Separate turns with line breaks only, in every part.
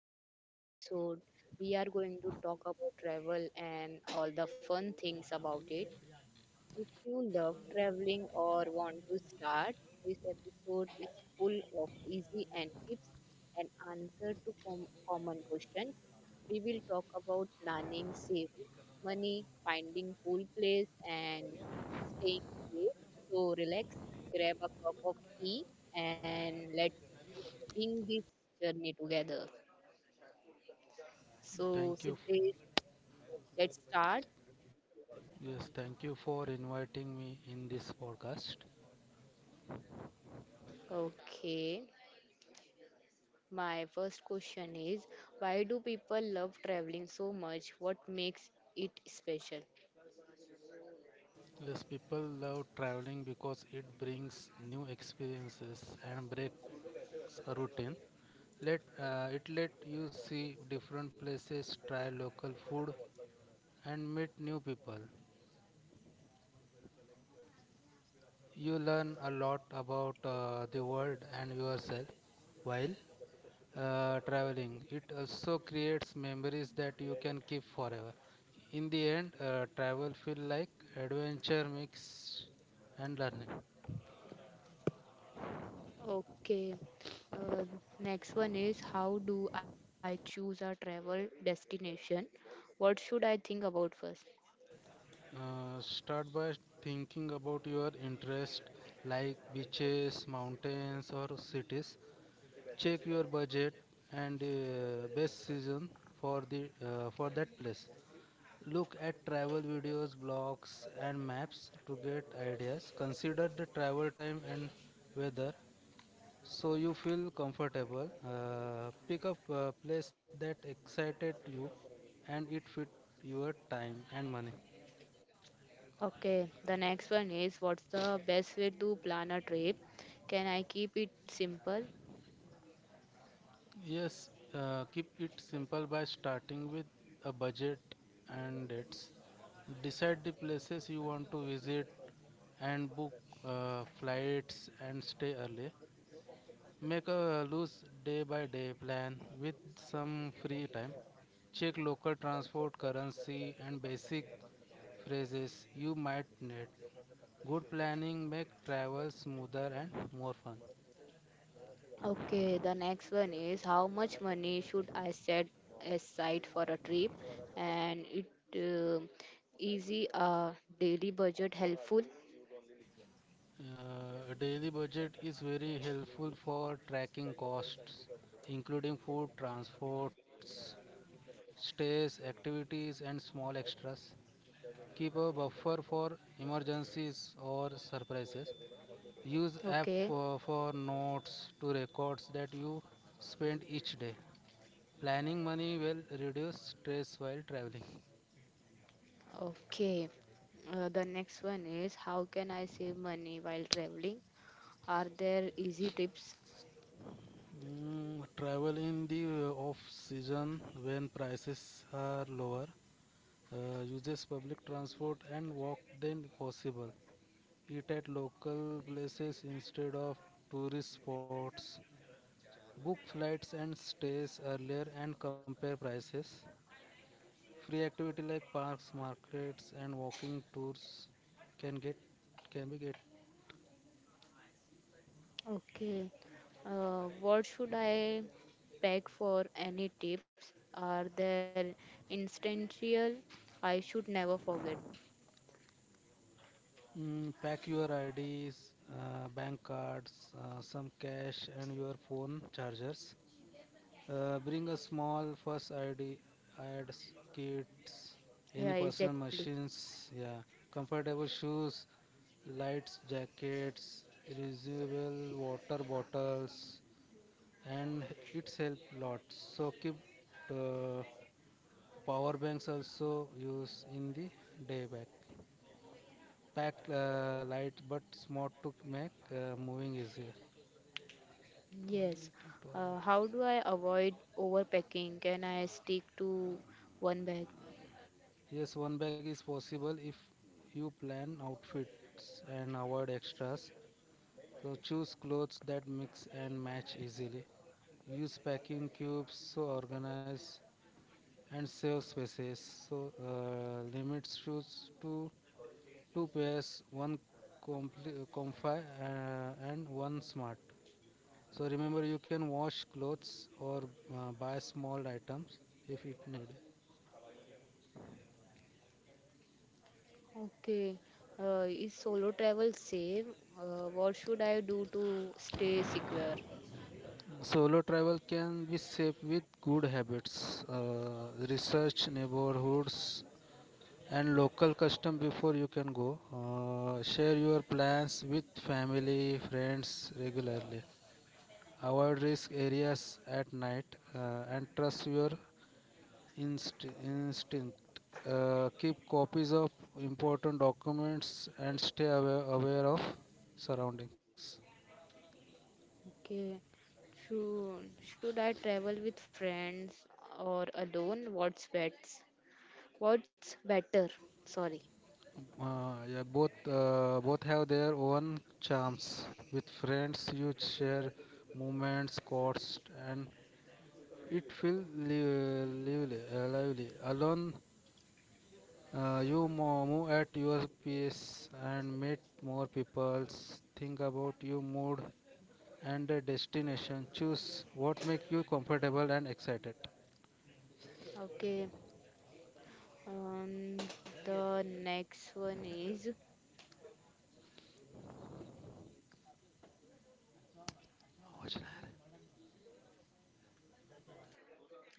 to today episode. We are going to talk about travel and all the fun things about it. If you love traveling or want to start, this episode is full of easy and tips and answer to common questions. We will talk about planning, saving money, finding cool place and staying safe. So relax, grab a cup of tea and let's bring this journey together. So
Thank you.
Siddesh, let's start.
Yes, thank you for inviting me in this podcast.
Okay. My first question is why do people love traveling so much? What makes it special?
Yes, people love traveling because it brings new experiences and breaks a routine. Let it let you see different places, try local food, and meet new people. You learn a lot about the world and yourself while traveling. It also creates memories that you can keep forever. In the end, travel feel like adventure mix and learning.
Okay. Uh, Next one is how do I choose a travel destination? What should I think about first?
Start by thinking about your interest, like beaches, mountains, or cities. Check your budget and best season for the for that place. Look at travel videos, blogs, and maps to get ideas. Consider the travel time and weather so you feel comfortable. Pick up a place that excited you, and it fit your time and money.
Okay, the next one is what's the best way to plan a trip? Can I keep it simple?
Yes, keep it simple by starting with a budget and dates. Decide the places you want to visit and book flights and stay early. Make a loose day by day plan with some free time. Check local transport, currency, and basic phrases you might need. Good planning make travel smoother and more fun.
Okay, the next one is how much money should I set aside for a trip? And it uh, easy daily budget helpful?
A daily budget is very helpful for tracking costs, including food, transports, stays, activities, and small extras. Keep a buffer for emergencies or surprises. Use
Okay,
app for notes to records that you spend each day. Planning money will reduce stress while traveling.
okay. The next one is how can I save money while traveling? Are there easy tips?
Travel in the off season when prices are lower. Uses public transport and walk then possible. Eat at local places instead of tourist spots. Book flights and stays earlier and compare prices. Free activity like parks, markets, and walking tours can get can be get.
Okay. What should I pack for any tips? Are there instantial? I should never forget.
Pack your IDs, bank cards, some cash, and your phone chargers. Bring a small first ID, ads, kits,
Yeah,
any personal
exactly.
machines. Yeah, comfortable shoes, lights, jackets, reusable water bottles, and it's help lot. So keep uh, power banks also use in the day back. Packed light but smart to make moving easier.
Yes.
Toilet, toilet.
How do I avoid overpacking? Can I stick to one bag?
Yes, one bag is possible if you plan outfits and avoid extras. So choose clothes that mix and match easily. Use packing cubes so organize and save spaces. So limit shoes to two pairs, one comfy and one smart. So remember, you can wash clothes or buy small items if it needed.
Okay. Is solo travel safe? What should I do to stay secure?
Solo travel can be safe with good habits, research neighborhoods and local custom before you can go. Share your plans with family, friends regularly. Avoid risk areas at night and trust your instinct. Keep copies of important documents and stay aware of surroundings.
Okay. Should I travel with friends or alone? What's best? What's better? Sorry.
Yeah, both have their own charms. With friends, you share moments, costs, and it feels lively. Lively. Alone, you move at your pace and meet more people. Think about your mood and the destination choose what makes you comfortable and excited.
Okay. Um, the next one is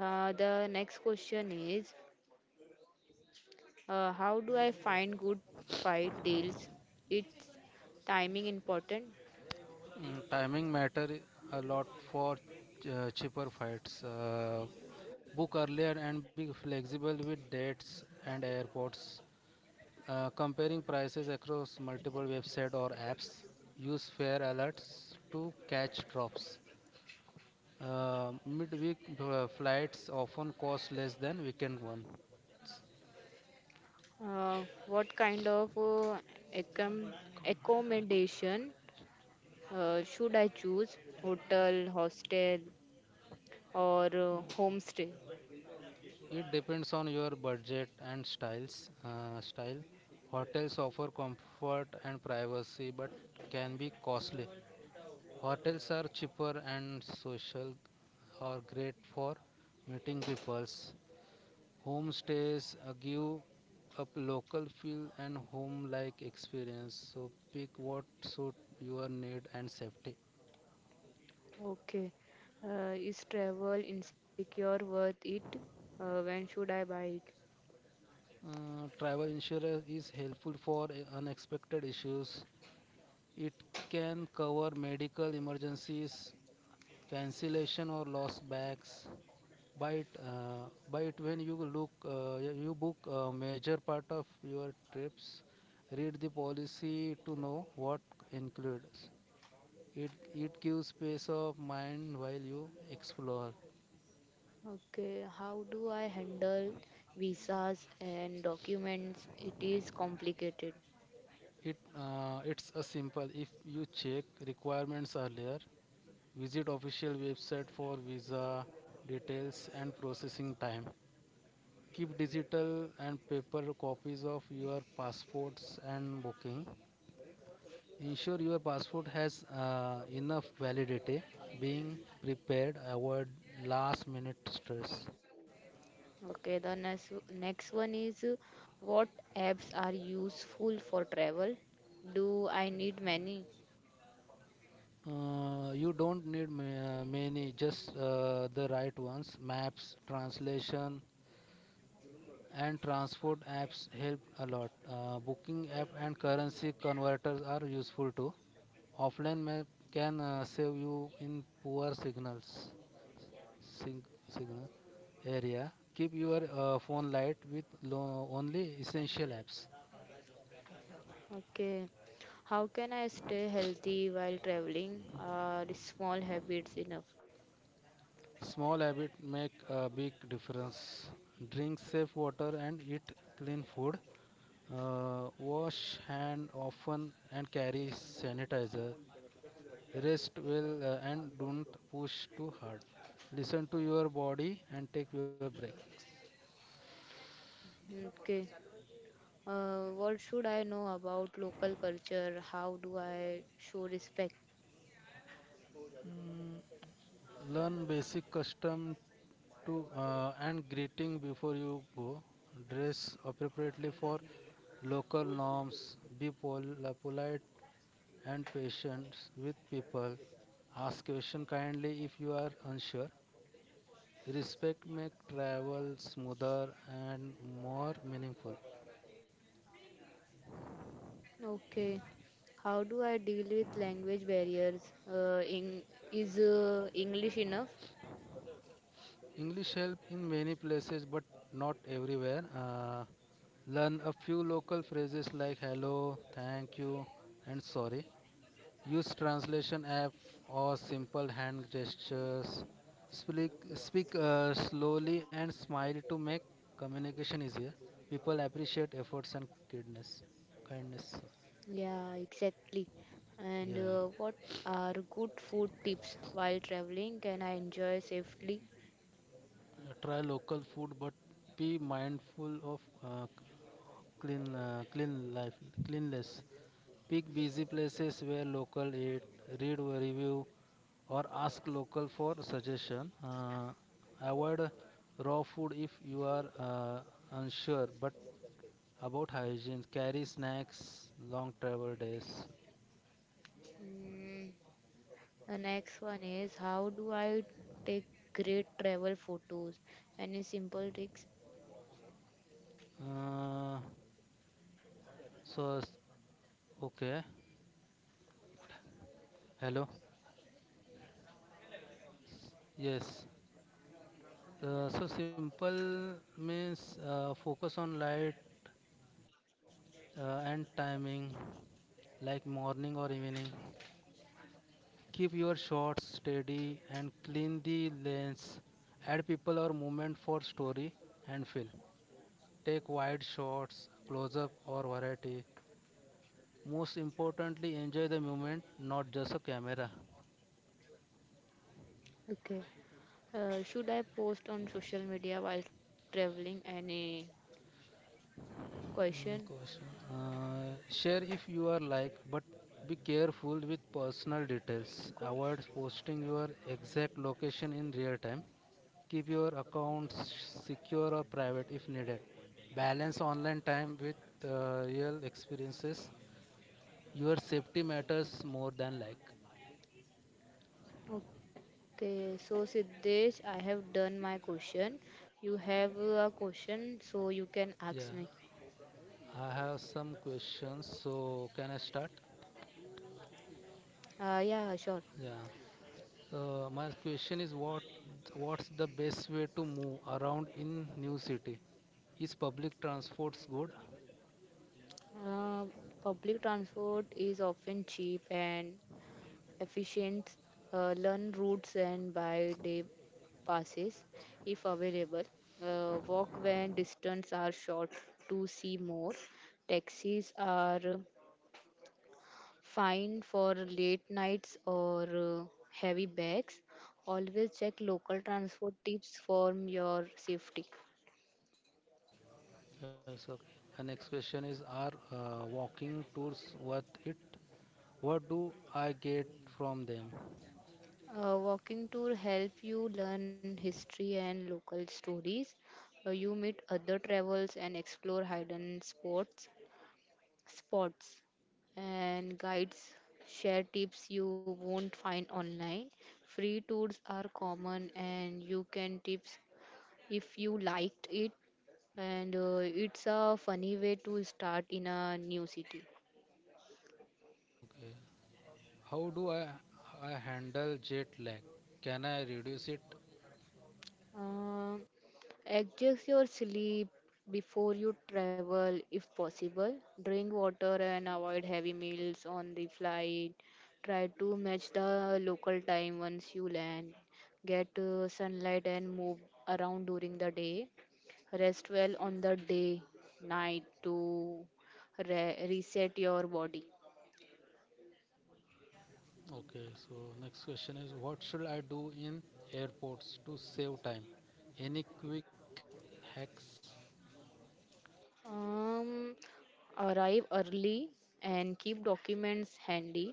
the next question is how do I find good fight deals? It's timing important.
Timing matter a lot for cheaper flights. Book earlier and be flexible with dates and airports. Comparing prices across multiple websites or apps, use fare alerts to catch drops. Uh, midweek flights often cost less than weekend ones.
What kind of accom- accommodation should I choose? Hotel, hostel, or homestay?
It depends on your budget and styles. Style hotels offer comfort and privacy, but can be costly. Hotels are cheaper and social, are great for meeting peoples. Homestays give up local feel and home-like experience. So pick what suit your need and safety.
Okay. Is travel insecure worth it? When should I buy it?
Travel insurance is helpful for unexpected issues. It can cover medical emergencies, cancellation or lost bags. But by it when you you book a major part of your trips, read the policy to know what includes. It gives peace of mind while you explore.
Okay, how do I handle visas and documents? It is complicated.
It's a simple. If you check requirements earlier, visit official website for visa details and processing time. Keep digital and paper copies of your passports and booking. Ensure your passport has enough validity. Being prepared, avoid last minute stress.
Okay, the next one is what apps are useful for travel? Do I need many?
You don't need many, just the right ones. Maps, translation, and transport apps help a lot. Booking app and currency converters are useful too. Offline map can save you in poor signals. sig- Signal area. Keep your phone light with only essential apps.
Okay, how can I stay healthy while traveling? Are small habits enough?
Small habit make a big difference. Drink safe water and eat clean food. Wash hand often and carry sanitizer. Rest well and don't push too hard. Listen to your body and take your breaks.
Okay, what should I know about local culture? How do I show respect?
Mm, Learn basic custom to and greeting before you go. Dress appropriately for local norms. Be polite and patient with people. Ask question kindly if you are unsure. Respect make travel smoother and more meaningful.
Okay, how do I deal with language barriers? Uh, in, is English enough?
English help in many places but not everywhere. Learn a few local phrases like hello, thank you, and sorry. Use translation app or simple hand gestures. Speak slowly and smile to make communication easier. People appreciate efforts and kindness. Kindness.
Yeah, exactly.
Yeah.
And what are good food tips while traveling? Can I enjoy safely?
Try local food, but be mindful of uh, clean, uh, clean life, cleanliness. Pick busy places where local eat. Read review or ask local for suggestion. Avoid raw food if you are unsure but about hygiene. Carry snacks, long travel days.
Mm, the next one is how do I take great travel photos? Any simple tricks?
Uh, so s- okay. Hello. Yes. So simple means focus on light and timing, like morning or evening. Keep your shots steady and clean the lens. Add people or movement for story and fill. Take wide shots, close up, or variety. Most importantly, enjoy the moment, not just a camera.
Okay. Should I post on social media while traveling? Any question?
Question. Share if you are like, but be careful with personal details. Avoid
Question.
posting your exact location in real time. Keep your accounts secure or private if needed. Balance online time with real experiences. Your safety matters more than like.
Okay, so Siddesh, I have done my question. You have a question, so you can
Yeah,
ask me.
I have some questions. So, can I start?
Yeah, sure.
Yeah. My question is what's the best way to move around in new city? Is public transports good?
Uh, Public transport is often cheap and efficient. Learn routes and buy day passes if available. Walk when distance are short to see more. Taxis are fine for late nights or heavy bags. Always check local transport tips for your safety.
Yes, okay. My next question is are walking tours worth it? What do I get from them?
Walking tour help you learn history and local stories. You meet other travels and explore hidden spots, and guides share tips you won't find online. Free tours are common, and you can tips if you liked it. And it's a funny way to start in a new city.
Okay. How do I handle jet lag? Can I reduce it?
Uh, Adjust your sleep before you travel if possible. Drink water and avoid heavy meals on the flight. Try to match the local time once you land. Get sunlight and move around during the day. Rest well on the day, night to reset your body.
Okay. So next question is what should I do in airports to save time? Any quick hacks?
Um, Arrive early and keep documents handy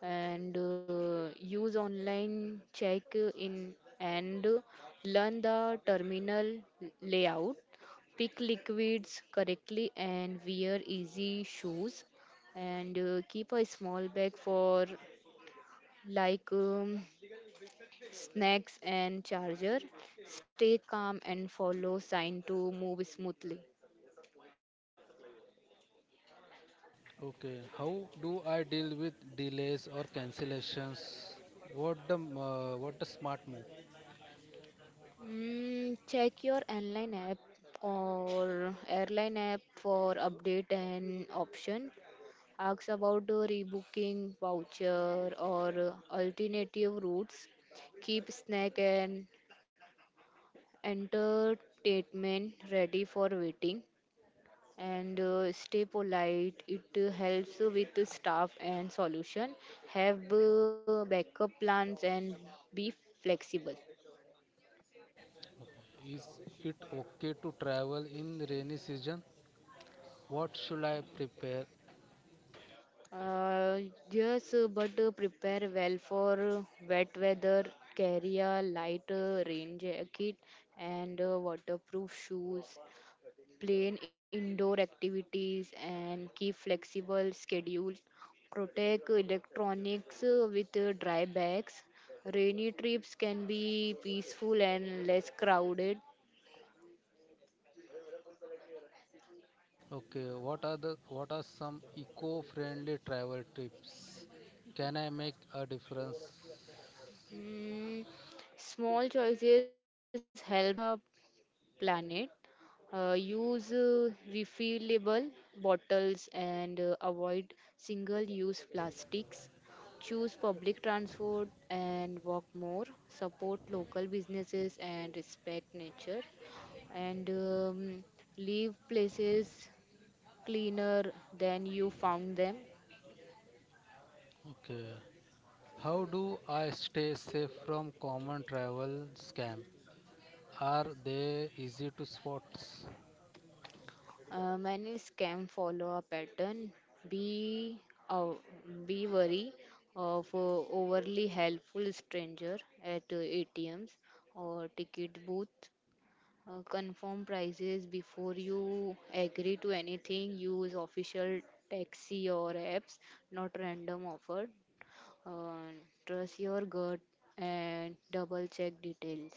and use online check in and learn the terminal layout, pick liquids correctly and wear easy shoes and keep a small bag for like snacks and charger, stay calm and follow sign to move smoothly.
Okay, how do I deal with delays or cancellations? What the smart move?
Check your airline app or airline app for update and option. Ask about the rebooking voucher or alternative routes. Keep snack and entertainment ready for waiting. And stay polite. It helps with the staff and solution. Have backup plans and be flexible.
Is it okay to travel in rainy season? What should I prepare?
Uh, yes, but prepare well for wet weather. Carry a light rain jacket and waterproof shoes. Plan indoor activities and keep flexible schedules. Protect electronics with dry bags. Rainy trips can be peaceful and less crowded.
Okay, what are some eco-friendly travel tips? Can I make a difference?
Mm, Small choices help the planet. Use refillable bottles and avoid single use plastics. Choose public transport and walk more. Support local businesses and respect nature. And leave places cleaner than you found them.
Okay. How do I stay safe from common travel scam? Are they easy to spot?
Many scam follow a pattern. Be uh, be wary of overly helpful stranger at ATMs or ticket booth. Confirm prices before you agree to anything. Use official taxi or apps, not random offer. Uh, Trust your gut and double check details.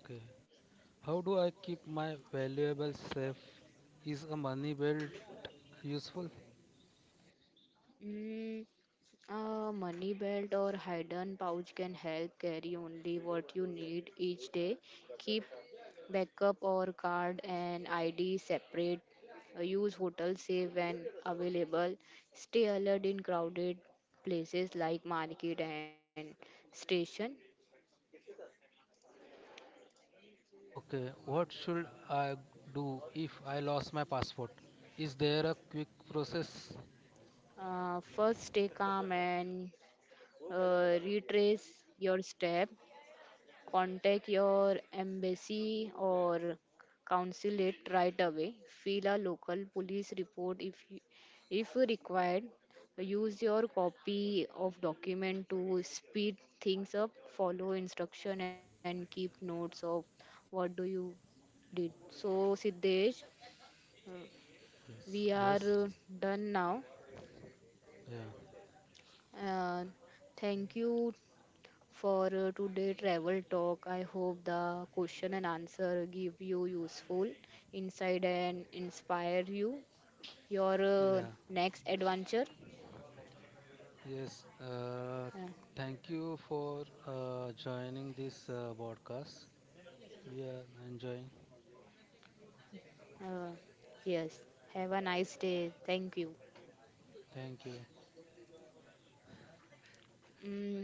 Okay. How do I keep my valuables safe? Is a money belt useful?
Mm, A money belt or hidden pouch can help carry only what you need each day. Keep backup or card and ID separate. Use hotel safe when available. Stay alert in crowded places like market and station.
Okay, what should I do if I lost my passport? Is there a quick process?
First, stay calm and retrace your step. Contact your embassy or consulate right away. File a local police report if required. Use your copy of document to speed things up. Follow instruction and keep notes of what do you did. So Siddesh, uh,
Yes,
we
yes,
are uh, done now.
Yeah,
Uh, Thank you for today travel talk. I hope the question and answer give you useful insight and inspire you your
yeah,
next adventure.
yes. Uh,
Uh,
thank you for joining this podcast. We are enjoying.
uh, yes. Have a nice day. Thank you.
Thank you.
Mm.